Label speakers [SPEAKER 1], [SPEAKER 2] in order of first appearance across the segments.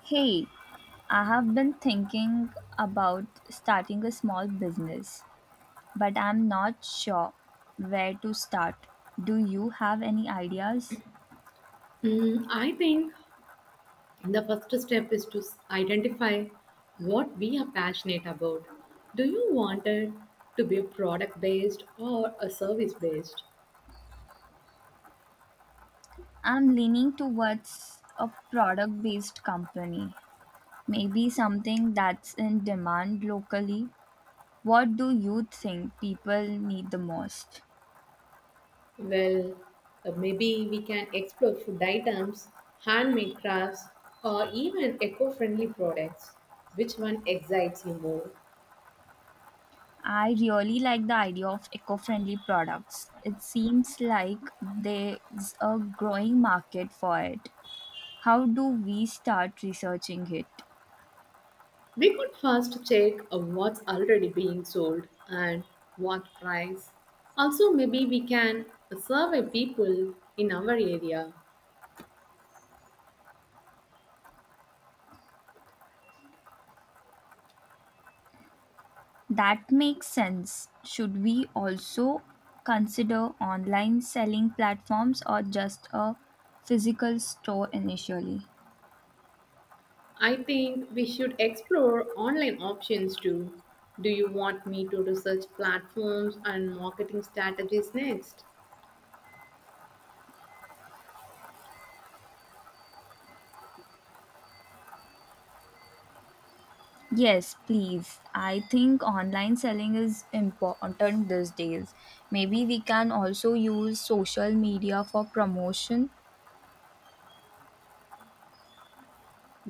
[SPEAKER 1] Hey, I have been thinking about starting a small business, but I'm not sure where to start. Do you have any ideas?
[SPEAKER 2] I think the first step is to identify what we are passionate about. Do you want it to be product based or a service based?
[SPEAKER 1] I'm leaning towards a product based company, maybe something that's in demand locally. What do you think people need the most?
[SPEAKER 2] Well, maybe we can explore food items, handmade crafts, or even eco friendly products. Which one excites you more?
[SPEAKER 1] I really like the idea of eco friendly products. It seems like there's a growing market for it. How do we start researching it?
[SPEAKER 2] We could first check what's already being sold and what price. Also, maybe we can survey people in our area.
[SPEAKER 1] That makes sense. Should we also consider online selling platforms or just a physical store initially?
[SPEAKER 2] I think we should explore online options too. Do you want me to research platforms and marketing strategies next?
[SPEAKER 1] Yes, please. I think online selling is important these days. Maybe we can also use social media for promotion.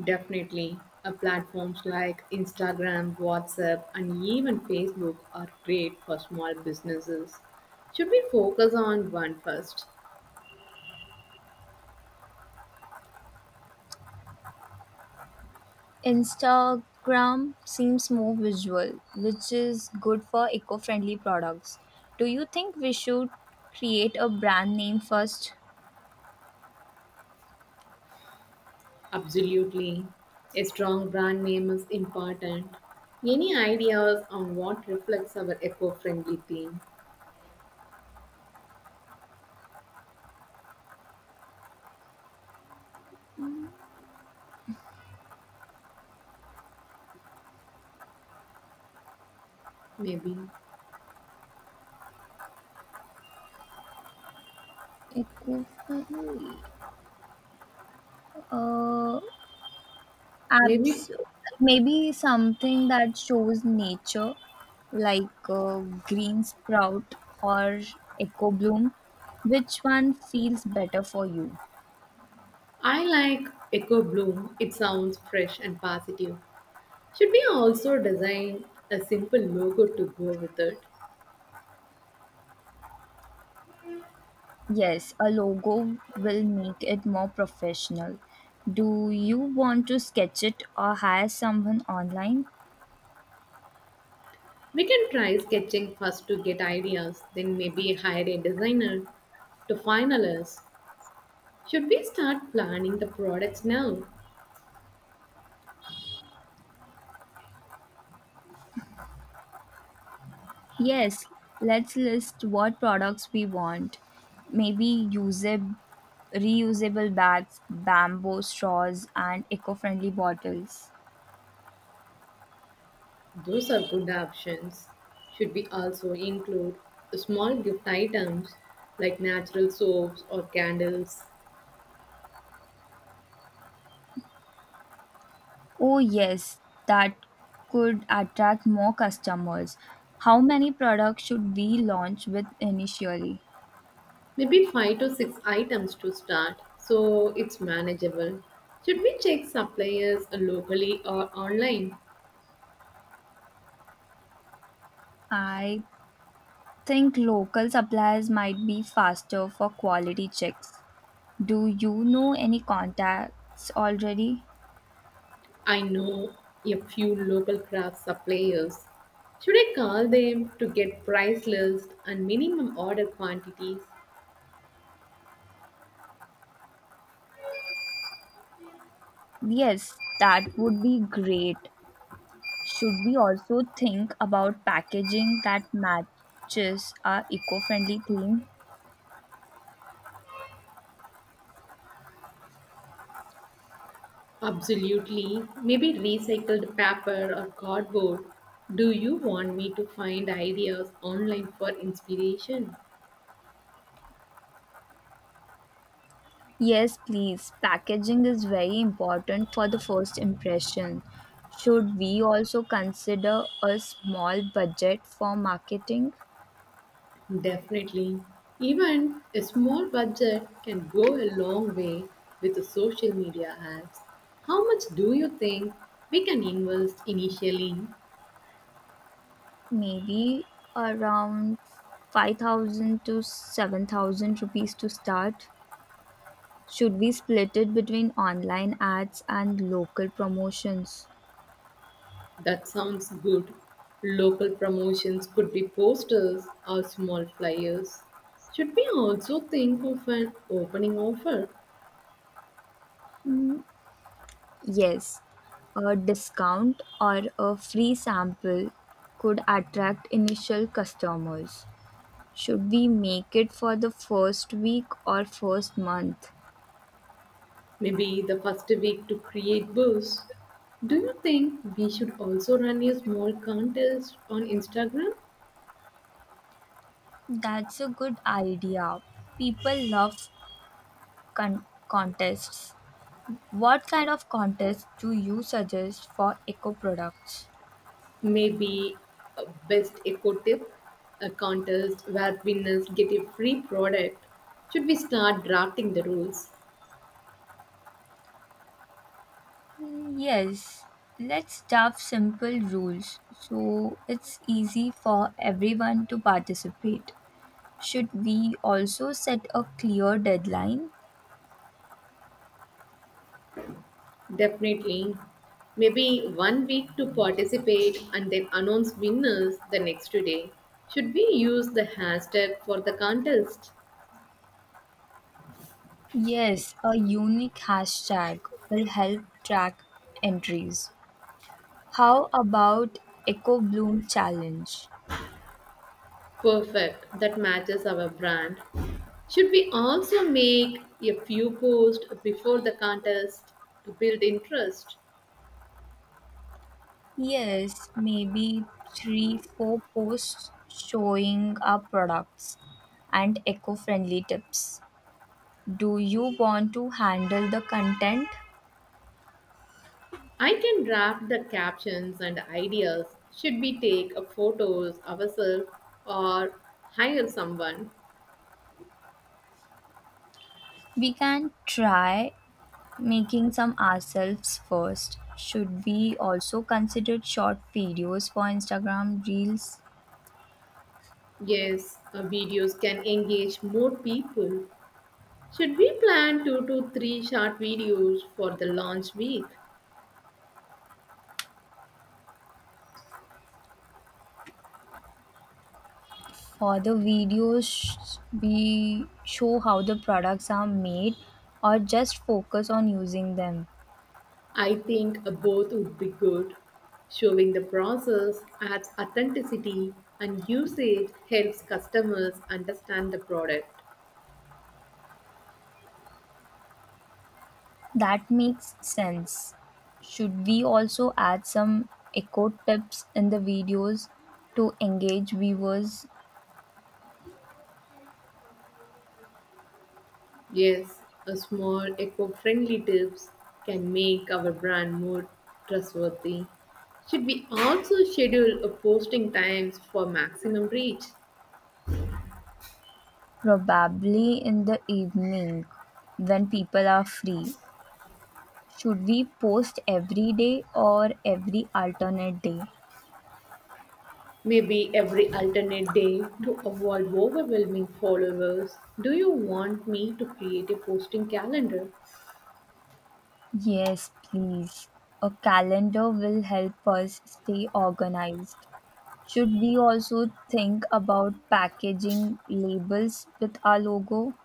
[SPEAKER 2] Definitely. Platforms like Instagram, WhatsApp, and even Facebook are great for small businesses. Should we focus on one first?
[SPEAKER 1] Instagram seems more visual, which is good for eco friendly products. Do you think we should create a brand name first?
[SPEAKER 2] Absolutely. A strong brand name is important. Any ideas on what reflects our eco-friendly theme? Maybe.
[SPEAKER 1] Eco friendly. Uh,
[SPEAKER 2] Maybe
[SPEAKER 1] apps. Maybe something that shows nature, like green sprout or eco bloom. Which one feels better for you?
[SPEAKER 2] I like Eco Bloom. It sounds fresh and positive. Should we also design a simple logo to go with it?
[SPEAKER 1] Yes, a logo will make it more professional. Do you want to sketch it or hire someone online?
[SPEAKER 2] We can try sketching first to get ideas, then maybe hire a designer to finalize. Should we start planning the products now?
[SPEAKER 1] Yes, let's list what products we want. Maybe usable, reusable bags, bamboo straws, and eco friendly bottles.
[SPEAKER 2] Those are good options. Should we also include small gift items like natural soaps or candles?
[SPEAKER 1] Oh, yes, that could attract more customers. How many products should we launch with initially?
[SPEAKER 2] Maybe 5 to 6 items to start so it's manageable. Should we check suppliers locally or online?
[SPEAKER 1] I think local suppliers might be faster for quality checks. Do you know any contacts already?
[SPEAKER 2] I know a few local craft suppliers. Should I call them to get price list and minimum order quantities?
[SPEAKER 1] Yes, that would be great. Should we also think about packaging that matches our eco friendly theme?
[SPEAKER 2] Absolutely. Maybe recycled paper or cardboard. Do you want me to find ideas online for inspiration?
[SPEAKER 1] Yes, please. Packaging is very important for the first impression. Should we also consider a small budget for marketing?
[SPEAKER 2] Definitely. Even a small budget can go a long way with the social media apps. How much do you think we can invest initially?
[SPEAKER 1] Maybe around 5,000 to 7,000 rupees to start. Should we split it between online ads and local promotions?
[SPEAKER 2] That sounds good. Local promotions could be posters or small flyers. Should we also think of an opening offer?
[SPEAKER 1] Yes, a discount or a free sample could attract initial customers. Should we make it for the first week or first month?
[SPEAKER 2] Maybe the first week to create buzz. Do you think we should also run a small contest on Instagram?
[SPEAKER 1] That's a good idea. People love contests. What kind of contest do you suggest for eco products?
[SPEAKER 2] Maybe a best eco tip, a contest where winners get a free product. Should we start drafting the rules?
[SPEAKER 1] Mm, yes, let's draft simple rules so it's easy for everyone to participate. Should we also set a clear deadline?
[SPEAKER 2] Definitely. Maybe one week to participate and then announce winners the next day. Should we use the hashtag for the contest?
[SPEAKER 1] Yes, a unique hashtag will help track entries. How about Eco Bloom Challenge?
[SPEAKER 2] Perfect. That matches our brand. Should we also make a few posts before the contest to build interest?
[SPEAKER 1] Yes, maybe three, four posts showing our products and eco friendly tips. Do you want to handle the content?
[SPEAKER 2] I can draft the captions and ideas. Should we take a photos ourselves or hire someone?
[SPEAKER 1] We can try making some ourselves first. Should we also consider short videos for Instagram Reels?
[SPEAKER 2] Yes, videos can engage more people. Should we plan two to three short videos for the launch week?
[SPEAKER 1] For the videos, we show how the products are made or just focus on using them.
[SPEAKER 2] I think a both would be good. Showing the process adds authenticity and usage helps customers understand the product.
[SPEAKER 1] That makes sense. Should we also add some echo tips in the videos to engage viewers?
[SPEAKER 2] Yes, a small eco-friendly tips can make our brand more trustworthy. Should we also schedule a posting times for maximum reach?
[SPEAKER 1] Probably in the evening when people are free. Should we post every day or every alternate day?
[SPEAKER 2] Maybe every alternate day to avoid overwhelming followers. Do you want me to create a posting calendar?
[SPEAKER 1] Yes, please. A calendar will help us stay organized. Should we also think about packaging labels with our logo?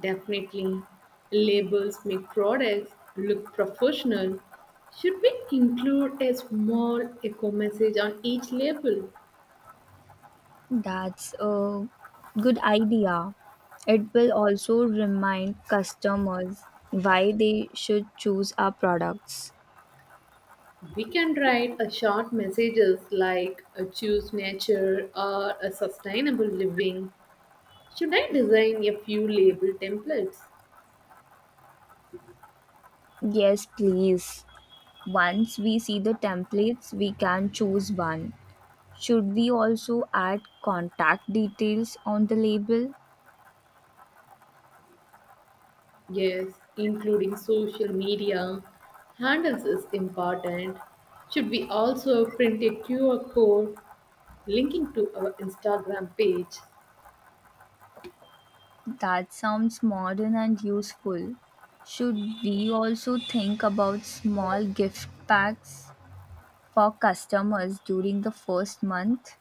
[SPEAKER 2] Definitely, labels make products look professional. Should we include a small echo message on each label?
[SPEAKER 1] That's a good idea. It will also remind customers why they should choose our products.
[SPEAKER 2] We can write a short messages like choose nature or a sustainable living. Should I design a few label templates?
[SPEAKER 1] Yes, please. Once we see the templates, we can choose one. Should we also add contact details on the label?
[SPEAKER 2] Yes, including social media handles is important. Should we also print a QR code linking to our Instagram page?
[SPEAKER 1] That sounds modern and useful. Should we also think about small gift packs for customers during the first month?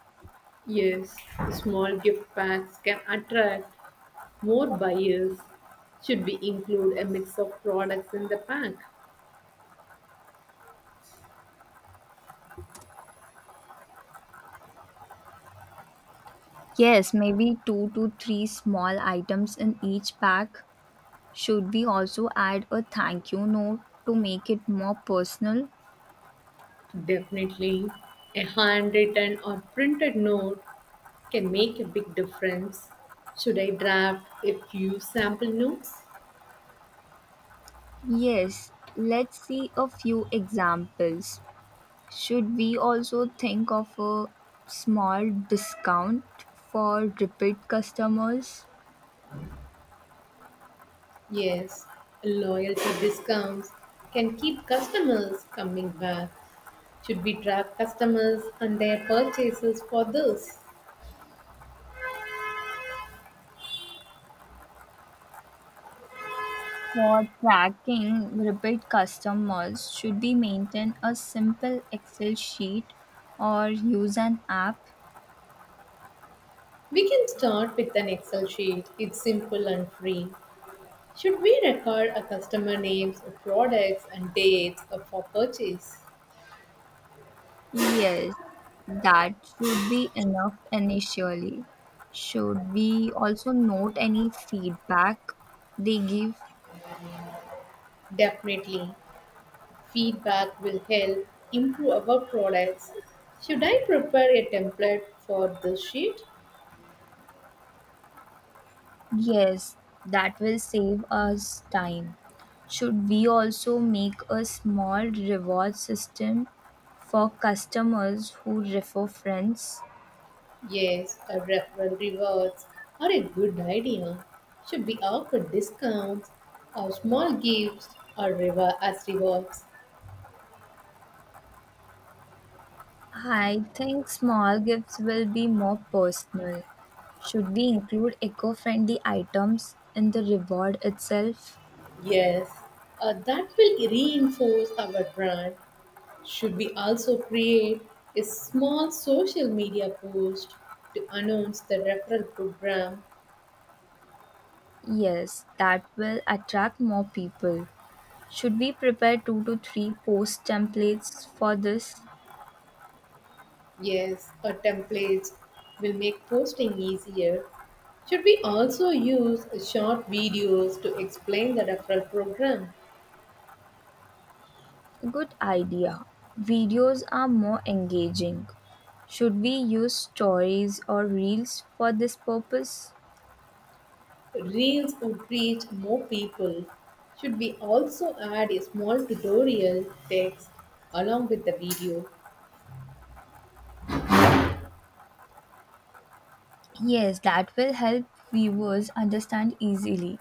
[SPEAKER 2] Yes, small gift packs can attract more buyers. Should we include a mix of products in the pack?
[SPEAKER 1] Yes, maybe two to three small items in each pack. Should we also add a thank you note to make it more personal?
[SPEAKER 2] Definitely. A handwritten or printed note can make a big difference. Should I draft a few sample notes?
[SPEAKER 1] Yes, let's see a few examples. Should we also think of a small discount for repeat customers?
[SPEAKER 2] Yes, loyalty discounts can keep customers coming back. Should we track customers and their purchases for this?
[SPEAKER 1] For tracking repeat customers, should we maintain a simple Excel sheet or use an app?
[SPEAKER 2] We can start with an Excel sheet. It's simple and free. Should we record a customer names, products, and dates for purchase?
[SPEAKER 1] Yes, that should be enough initially. Should we also note any feedback they give?
[SPEAKER 2] Definitely. Feedback will help improve our products. Should I prepare a template for this sheet?
[SPEAKER 1] Yes, that will save us time. Should we also make a small reward system for customers who refer friends?
[SPEAKER 2] Yes, a referral rewards are a good idea. Should we offer discounts or small gifts or reward as rewards?
[SPEAKER 1] I think small gifts will be more personal. Should we include eco friendly items in the reward itself?
[SPEAKER 2] Yes, that will reinforce our brand. Should we also create a small social media post to announce the referral program?
[SPEAKER 1] Yes, that will attract more people. Should we prepare two to three post templates for this?
[SPEAKER 2] Yes, a template will make posting easier. Should we also use short videos to explain the referral program?
[SPEAKER 1] Good idea. Videos are more engaging. Should we use stories or reels for this purpose?
[SPEAKER 2] Reels would reach more people. Should we also add a small tutorial text along with the video?
[SPEAKER 1] Yes, that will help viewers understand easily.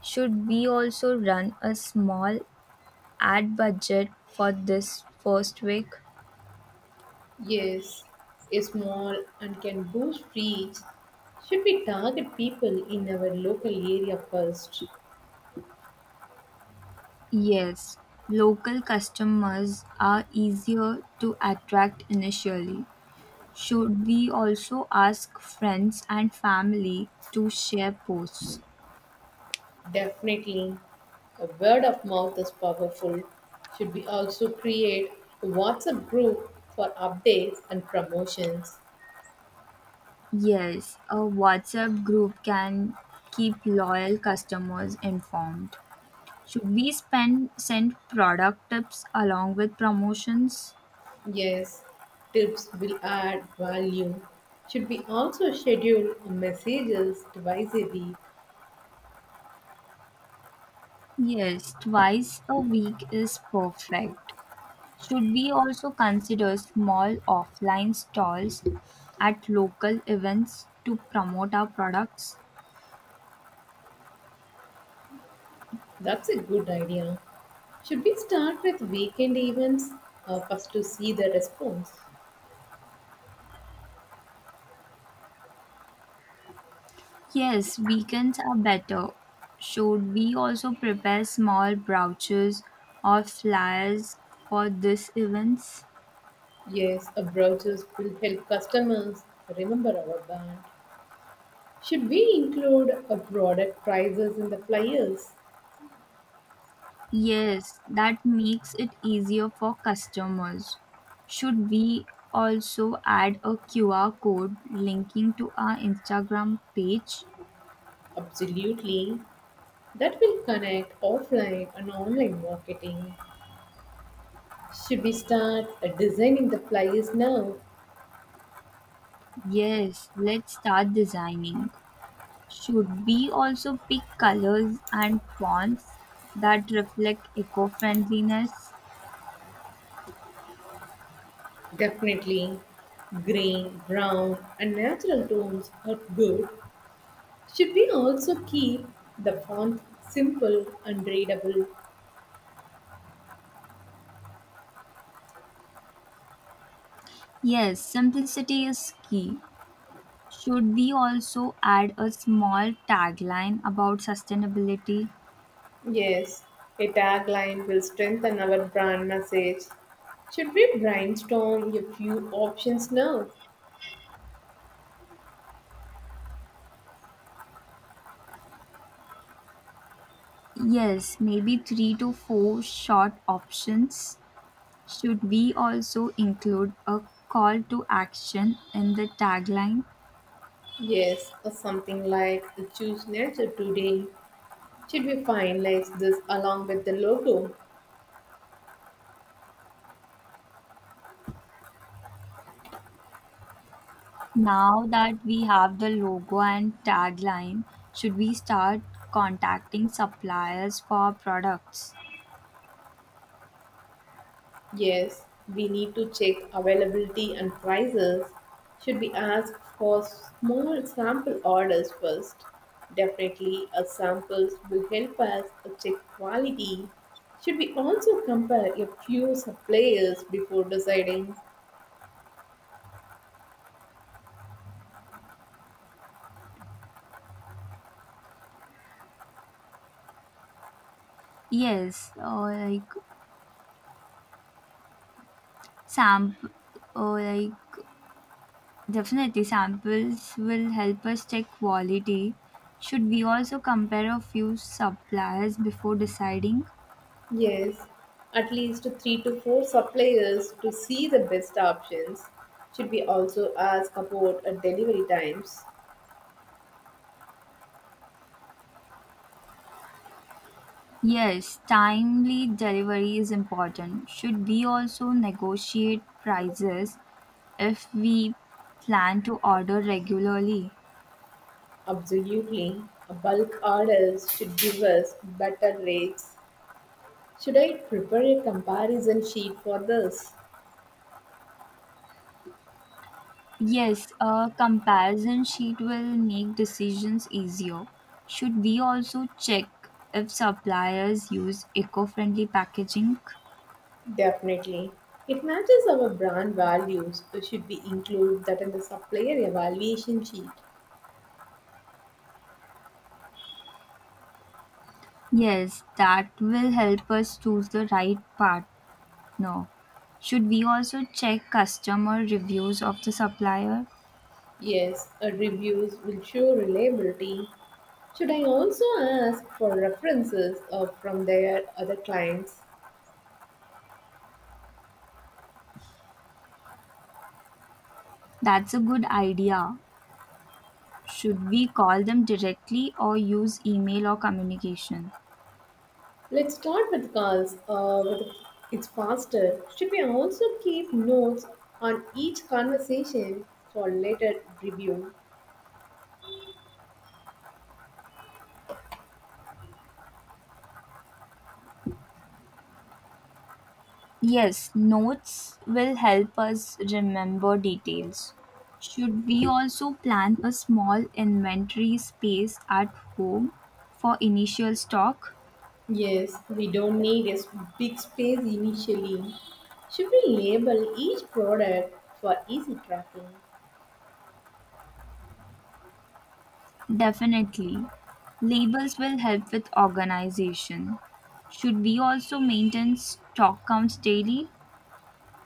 [SPEAKER 1] Should we also run a small ad budget for this first week?
[SPEAKER 2] Yes, is small and can boost reach. Should we target people in our local area first?
[SPEAKER 1] Yes, local customers are easier to attract initially. Should we also ask friends and family to share posts?
[SPEAKER 2] Definitely. A word of mouth is powerful. Should we also create a WhatsApp group for updates and promotions?
[SPEAKER 1] Yes, a WhatsApp group can keep loyal customers informed. Should we spend send product tips along with promotions?
[SPEAKER 2] Yes, tips will add value. Should we also schedule messages twice a week?
[SPEAKER 1] Yes, twice a week is perfect. Should we also consider small offline stalls at local events to promote our products?
[SPEAKER 2] That's a good idea. Should we start with weekend events first to see the response?
[SPEAKER 1] Yes, weekends are better. Should we also prepare small brochures or flyers for these events?
[SPEAKER 2] Yes, a brochures will help customers remember our brand. Should we include a product prices in the flyers?
[SPEAKER 1] Yes, that makes it easier for customers. Should we also add a QR code linking to our Instagram page?
[SPEAKER 2] Absolutely. That will connect offline and online marketing. Should we start designing the flyers now?
[SPEAKER 1] Yes, let's start designing. Should we also pick colors and fonts that reflect eco friendliness?
[SPEAKER 2] Definitely. Green, brown, and natural tones are good. Should we also keep the font simple and readable?
[SPEAKER 1] Yes, simplicity is key. Should we also add a small tagline about sustainability?
[SPEAKER 2] Yes, a tagline will strengthen our brand message. Should we brainstorm a few options now?
[SPEAKER 1] Yes, maybe three to four short options. Should we also include a call to action in the tagline?
[SPEAKER 2] Yes, or something like choose nature today. Should we finalize this along with the logo?
[SPEAKER 1] Now that we have the logo and tagline, should we start contacting suppliers for our products?
[SPEAKER 2] Yes, we need to check availability and prices. Should we ask for small sample orders first? Definitely, a samples will help us check quality. Should we also compare a few suppliers before deciding?
[SPEAKER 1] Yes, or like sample, or like definitely samples will help us check quality. Should we also compare a few suppliers before deciding?
[SPEAKER 2] Yes, at least three to four suppliers to see the best options. Should we also ask about delivery times?
[SPEAKER 1] Yes, timely delivery is important. Should we also negotiate prices if we plan to order regularly?
[SPEAKER 2] Absolutely. A bulk orders should give us better rates. Should I prepare a comparison sheet for this?
[SPEAKER 1] Yes, a comparison sheet will make decisions easier. Should we also check if suppliers use eco friendly packaging?
[SPEAKER 2] Definitely. It matches our brand values. So should we include that in the supplier evaluation sheet?
[SPEAKER 1] Yes, that will help us choose the right partner. Should we also check customer reviews of the supplier?
[SPEAKER 2] Yes, a reviews will show reliability. Should I also ask for references from their other clients?
[SPEAKER 1] That's a good idea. Should we call them directly or use email or communication?
[SPEAKER 2] Let's start with calls. With It's faster. Should we also keep notes on each conversation for later review?
[SPEAKER 1] Yes, notes will help us remember details. Should we also plan a small inventory space at home for initial stock?
[SPEAKER 2] Yes, we don't need a big space initially. Should we label each product for easy tracking?
[SPEAKER 1] Definitely. Labels will help with organization. Should we also maintain stock counts daily?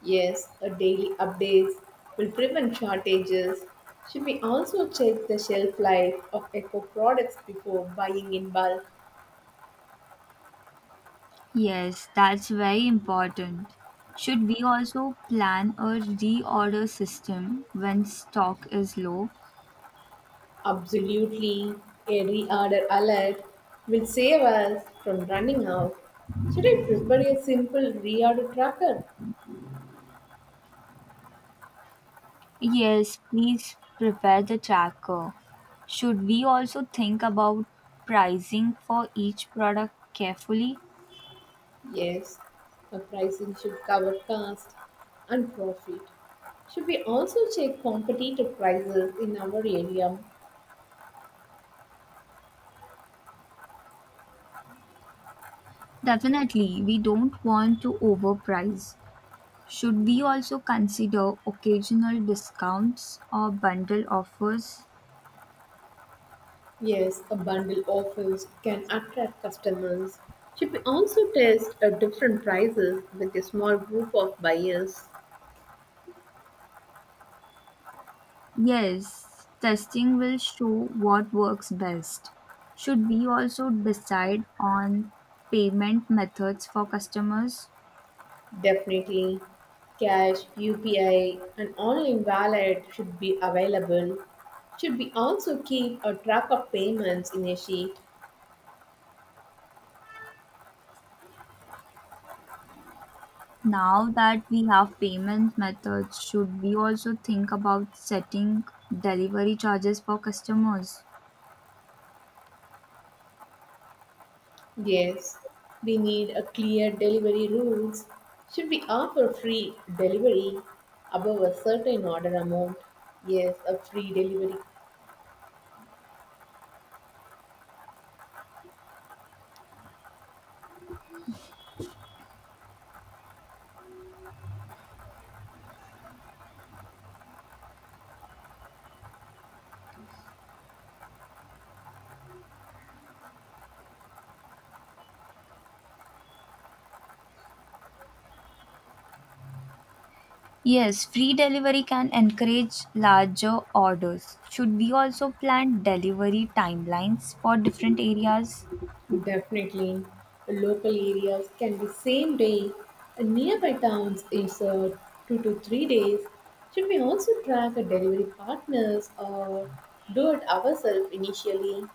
[SPEAKER 2] Yes, a daily updates will prevent shortages. Should we also check the shelf life of eco products before buying in bulk?
[SPEAKER 1] Yes, that's very important. Should we also plan a reorder system when stock is low?
[SPEAKER 2] Absolutely. A reorder alert will save us from running out. Should I prepare a simple reorder tracker?
[SPEAKER 1] Yes, please prepare the tracker. Should we also think about pricing for each product carefully?
[SPEAKER 2] Yes. The pricing should cover cost and profit. Should we also check competitor prices in our area?
[SPEAKER 1] Definitely, we don't want to overprice. Should we also consider occasional discounts or bundle offers?
[SPEAKER 2] Yes, a bundle offers can attract customers. Should we also test different prices with a small group of buyers?
[SPEAKER 1] Yes, testing will show what works best. Should we also decide on payment methods for customers?
[SPEAKER 2] Definitely, cash, UPI, and online wallet should be available. Should we also keep a track of payments in a sheet?
[SPEAKER 1] Now that we have payment methods, should we also think about setting delivery charges for customers?
[SPEAKER 2] Yes, we need a clear delivery rules. Should we offer free delivery above a certain order amount? Yes, a free delivery.
[SPEAKER 1] Yes, free delivery can encourage larger orders. Should we also plan delivery timelines for different areas?
[SPEAKER 2] Definitely, local areas can be same day, and nearby towns is 2 to 3 days. Should we also track a delivery partners or do it ourselves initially?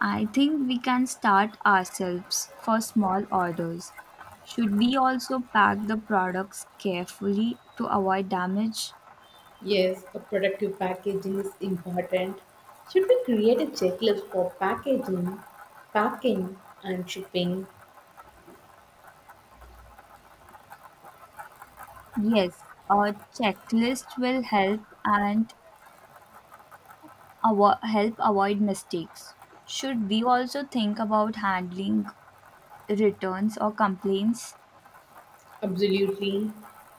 [SPEAKER 1] I think we can start ourselves for small orders. Should we also pack the products carefully to avoid damage?
[SPEAKER 2] Yes, a productive packaging is important. Should we create a checklist for packaging, packing, and shipping?
[SPEAKER 1] Yes, a checklist will help and help avoid mistakes. Should we also think about handling returns or complaints?
[SPEAKER 2] Absolutely.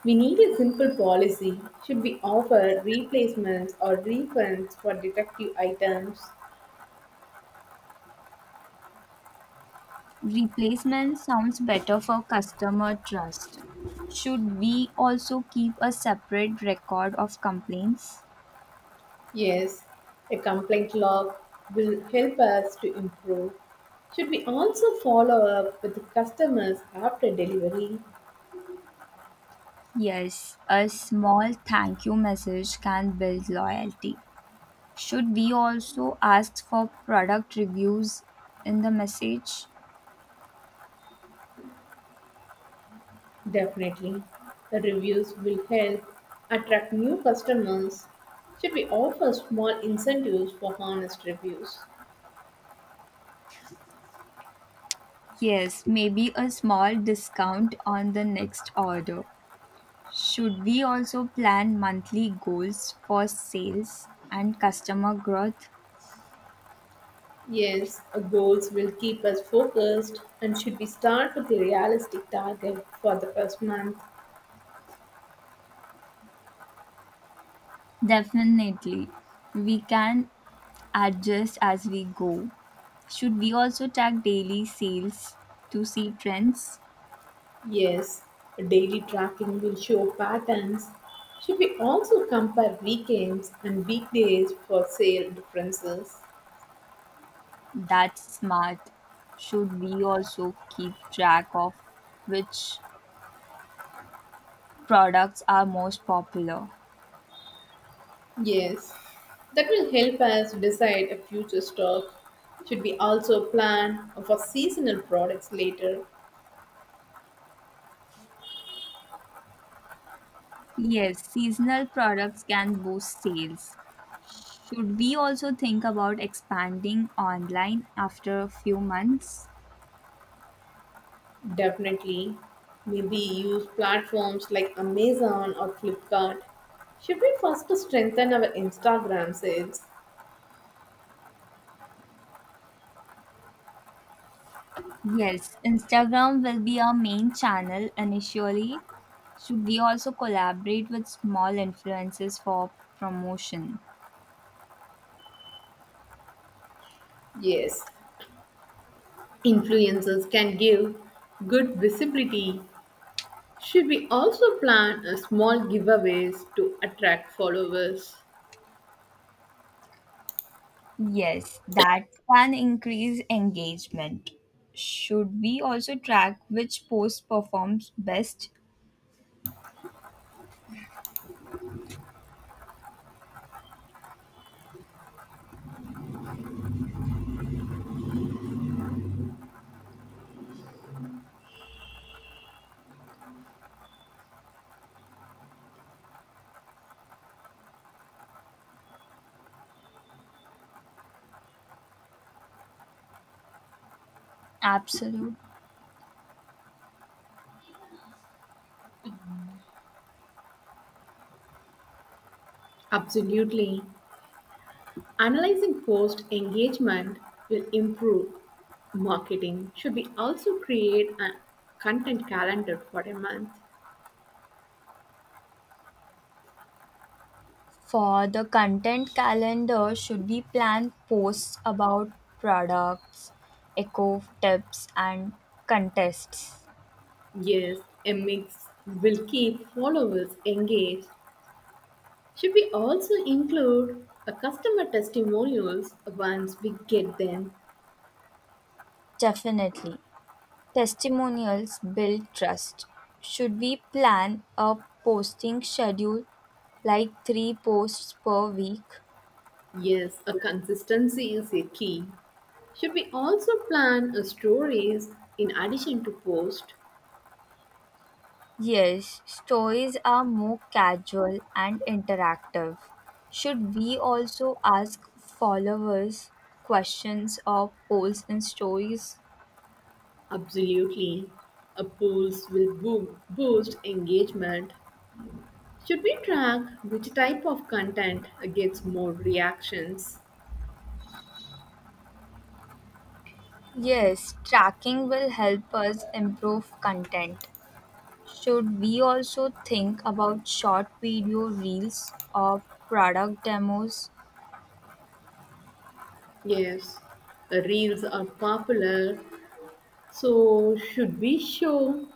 [SPEAKER 2] We need a simple policy. Should we offer replacements or refunds for defective items?
[SPEAKER 1] Replacement sounds better for customer trust. Should we also keep a separate record of complaints?
[SPEAKER 2] Yes, a complaint log will help us to improve. Should we also follow up with the customers after delivery?
[SPEAKER 1] Yes, a small thank you message can build loyalty. Should we also ask for product reviews in the message?
[SPEAKER 2] Definitely. The reviews will help attract new customers. Should we offer small incentives for honest reviews?
[SPEAKER 1] Yes, maybe a small discount on the next order. Should we also plan monthly goals for sales and customer growth?
[SPEAKER 2] Yes, our goals will keep us focused, and should we start with a realistic target for the first month?
[SPEAKER 1] Definitely. We can adjust as we go. Should we also track daily sales to see trends?
[SPEAKER 2] Yes, daily tracking will show patterns. Should we also compare weekends and weekdays for sale differences?
[SPEAKER 1] That's smart. Should we also keep track of which products are most popular?
[SPEAKER 2] Yes, that will help us decide a future stock. Should we also plan for seasonal products later?
[SPEAKER 1] Yes, seasonal products can boost sales. Should we also think about expanding online after a few months?
[SPEAKER 2] Definitely. Maybe use platforms like Amazon or Flipkart. Should we first strengthen our Instagram sales?
[SPEAKER 1] Yes, Instagram will be our main channel initially. Should we also collaborate with small influencers for promotion?
[SPEAKER 2] Yes, influencers can give good visibility. Should we also plan a small giveaways to attract followers?
[SPEAKER 1] Yes, that can increase engagement. Should we also track which post performs best? Absolutely.
[SPEAKER 2] Absolutely. Analyzing post engagement will improve marketing. Should we also create a content calendar for a month?
[SPEAKER 1] For the content calendar, should we plan posts about products, eco tips, and contests?
[SPEAKER 2] Yes, a mix will keep followers engaged. Should we also include a customer testimonials once we get them?
[SPEAKER 1] Definitely. Testimonials build trust. Should we plan a posting schedule like three posts per week?
[SPEAKER 2] Yes, a consistency is a key. Should we also plan a stories in addition to post?
[SPEAKER 1] Yes, stories are more casual and interactive. Should we also ask followers questions or polls in stories?
[SPEAKER 2] Absolutely. A polls will boost engagement. Should we track which type of content gets more reactions?
[SPEAKER 1] Yes, tracking will help us improve content. Should we also think about short video reels or product demos?
[SPEAKER 2] Yes, the reels are popular. So should we show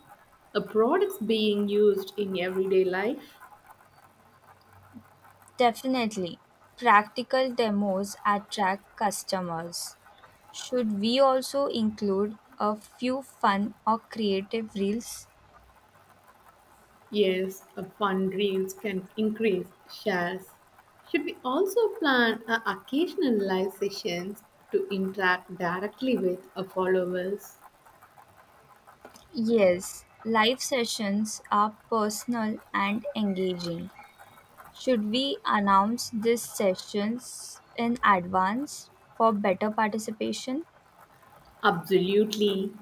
[SPEAKER 2] a products being used in everyday life?
[SPEAKER 1] Definitely. Practical demos attract customers. Should we also include a few fun or creative reels?
[SPEAKER 2] Yes, a fundraise can increase shares. Should we also plan a occasional live sessions to interact directly with our followers?
[SPEAKER 1] Yes, live sessions are personal and engaging. Should we announce these sessions in advance for better participation?
[SPEAKER 2] Absolutely.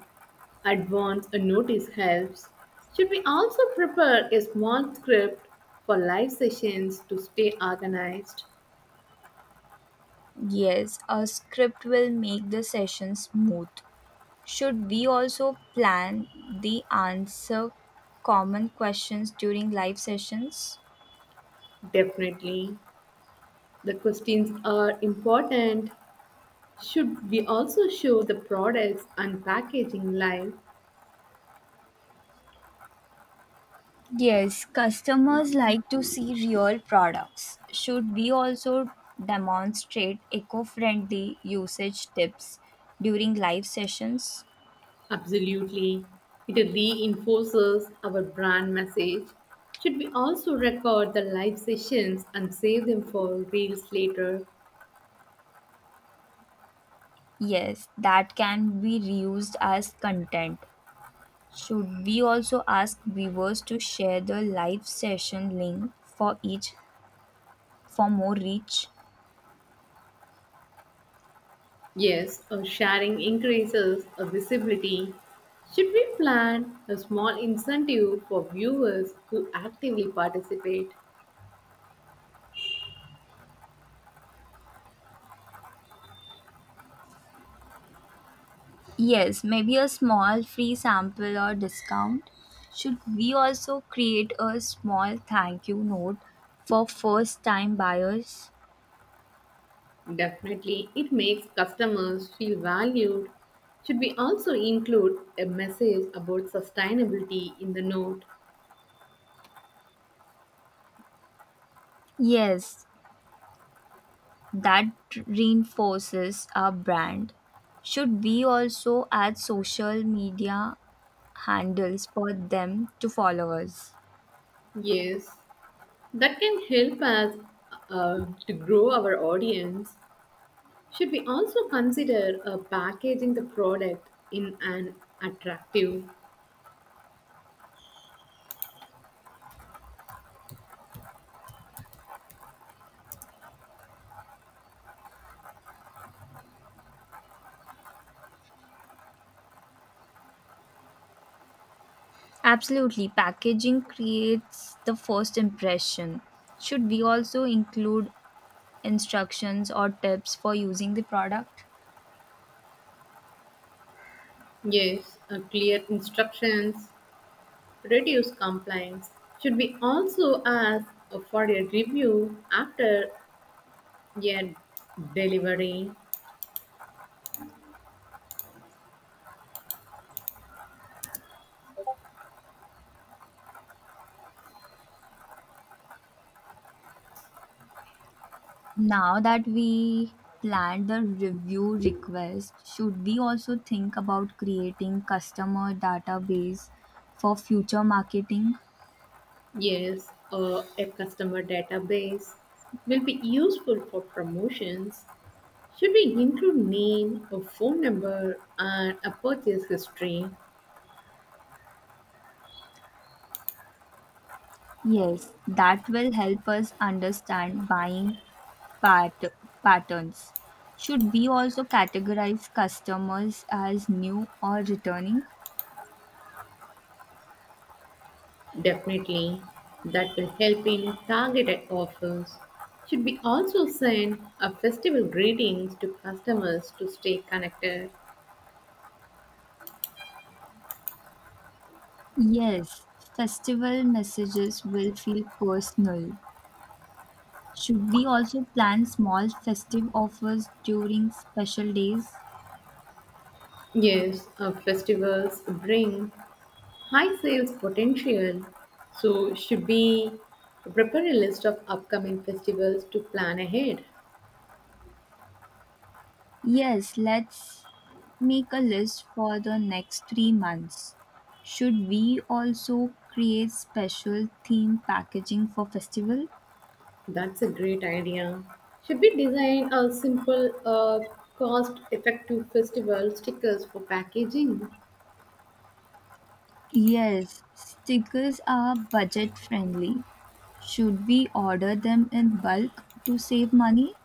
[SPEAKER 2] Advance a notice helps. Should we also prepare a small script for live sessions to stay organized?
[SPEAKER 1] Yes, a script will make the session smooth. Should we also plan the answer common questions during live sessions?
[SPEAKER 2] Definitely. The questions are important. Should we also show the products and packaging live?
[SPEAKER 1] Yes, customers like to see real products. Should we also demonstrate eco friendly usage tips during live sessions?
[SPEAKER 2] Absolutely. It reinforces our brand message. Should we also record the live sessions and save them for reels later?
[SPEAKER 1] Yes, that can be reused as content. Should we also ask viewers to share the live session link for each for more reach?
[SPEAKER 2] Yes, or sharing increases our visibility. Should we plan a small incentive for viewers who actively participate?
[SPEAKER 1] Yes, maybe a small free sample or discount. Should we also create a small thank you note for first time buyers?
[SPEAKER 2] Definitely, it makes customers feel valued. Should we also include a message about sustainability in the note?
[SPEAKER 1] Yes, that reinforces our brand. Should we also add social media handles for them to followers.
[SPEAKER 2] Yes, that can help us to grow our audience. Should we also consider packaging the product in an attractive,
[SPEAKER 1] Absolutely, packaging creates the first impression. Should we also include instructions or tips for using the product?
[SPEAKER 2] yes, clear instructions, reduce complaints? Should we also ask for a review after a delivery?
[SPEAKER 1] Now that we planned the review request, should we also think about creating customer database for future marketing?
[SPEAKER 2] Yes, or a customer database will be useful for promotions. Should we include name, a phone number, and a purchase history?
[SPEAKER 1] Yes, that will help us understand buying pat- patterns. Should we also categorize customers as new or returning?
[SPEAKER 2] Definitely. That will help in targeted offers. Should we also send a festival greetings to customers to stay connected?
[SPEAKER 1] Yes, festival messages will feel personal. Should we also plan small festive offers during special days?
[SPEAKER 2] Yes, our festivals bring high sales potential. So should we prepare a list of upcoming festivals to plan ahead?
[SPEAKER 1] Yes, let's make a list for the next 3 months. Should we also create special theme packaging for festival?
[SPEAKER 2] That's a great idea. Should we design a simple, cost effective festival stickers for packaging?
[SPEAKER 1] Yes, stickers are budget friendly. Should we order them in bulk to save money?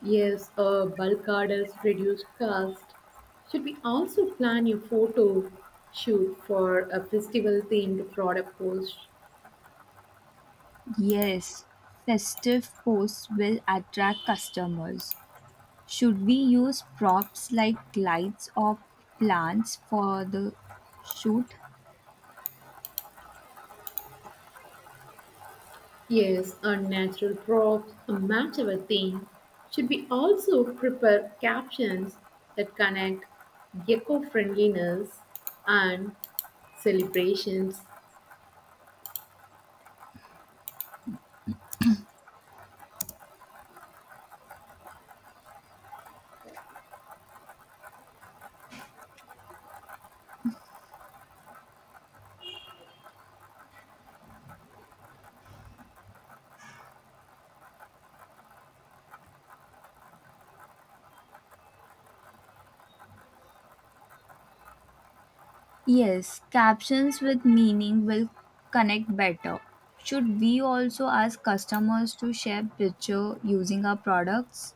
[SPEAKER 2] Yes, bulk orders reduce cost. Should we also plan a photo shoot for a festival themed product post?
[SPEAKER 1] Yes, festive posts will attract customers. Should we use props like lights or plants for the shoot?
[SPEAKER 2] Yes, a natural props, a match our theme. Should we also prepare captions that connect eco friendliness and celebrations.
[SPEAKER 1] Yes, captions with meaning will connect better. Should we also ask customers to share picture using our products?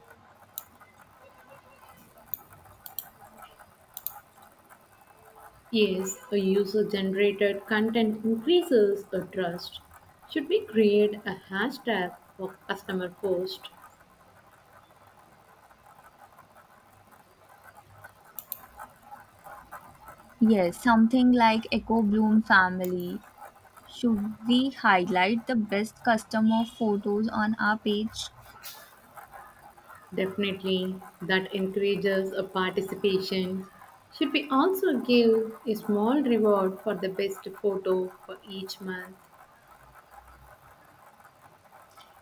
[SPEAKER 2] Yes, a user generated content increases a trust. Should we create a hashtag for customer post?
[SPEAKER 1] Yes, something like Echo Bloom family. Should we highlight the best customer photos on our page?
[SPEAKER 2] Definitely, that encourages a participation. Should we also give a small reward for the best photo for each month?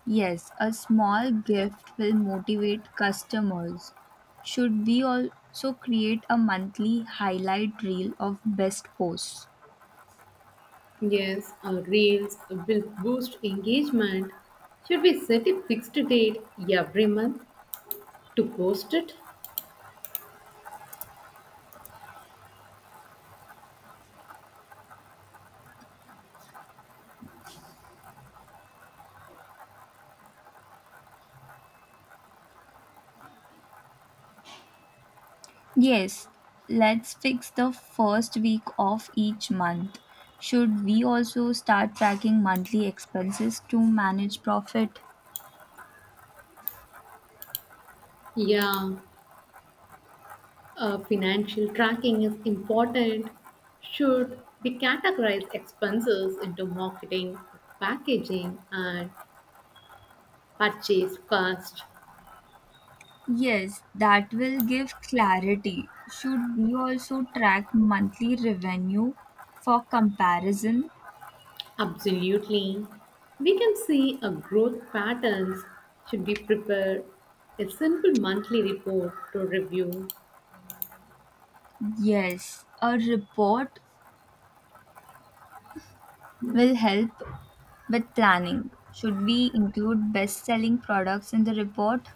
[SPEAKER 1] Yes, a small gift will motivate customers. Should we also create a monthly highlight reel of best posts?
[SPEAKER 2] Yes, our reels will boost engagement. Should we set a fixed date every month to post it?
[SPEAKER 1] Yes, let's fix the first week of each month. Should we also start tracking monthly expenses to manage profit?
[SPEAKER 2] Yeah, financial tracking is important. Should we categorize expenses into marketing, packaging, and purchase cost?
[SPEAKER 1] Yes, that will give clarity. Should we also track monthly revenue for comparison?
[SPEAKER 2] Absolutely. We can see a growth patterns. Should we prepare a simple monthly report to review?
[SPEAKER 1] Yes, a report will help with planning. Should we include best selling products in the report?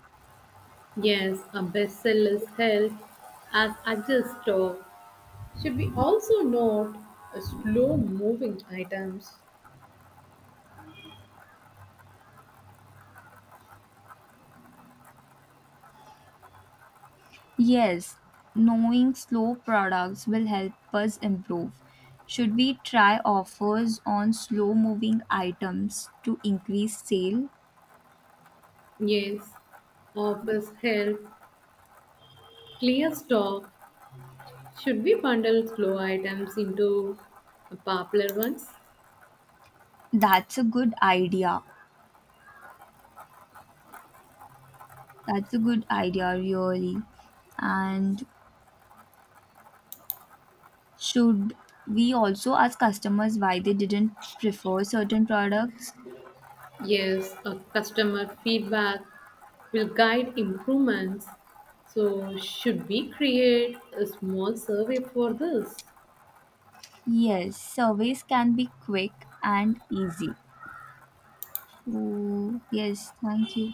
[SPEAKER 2] Yes, a bestseller's health as adjust stock. Should we also note slow moving items?
[SPEAKER 1] Yes, knowing slow products will help us improve. Should we try offers on slow moving items to increase sale?
[SPEAKER 2] Yes, office help clear stock. Should we bundle slow items into popular ones?
[SPEAKER 1] That's a good idea. That's a good idea, really. And should we also ask customers why they didn't prefer certain products?
[SPEAKER 2] Yes, a customer feedback will guide improvements. So, should we create a small survey for this?
[SPEAKER 1] Yes, surveys can be quick and easy. So, yes, thank you.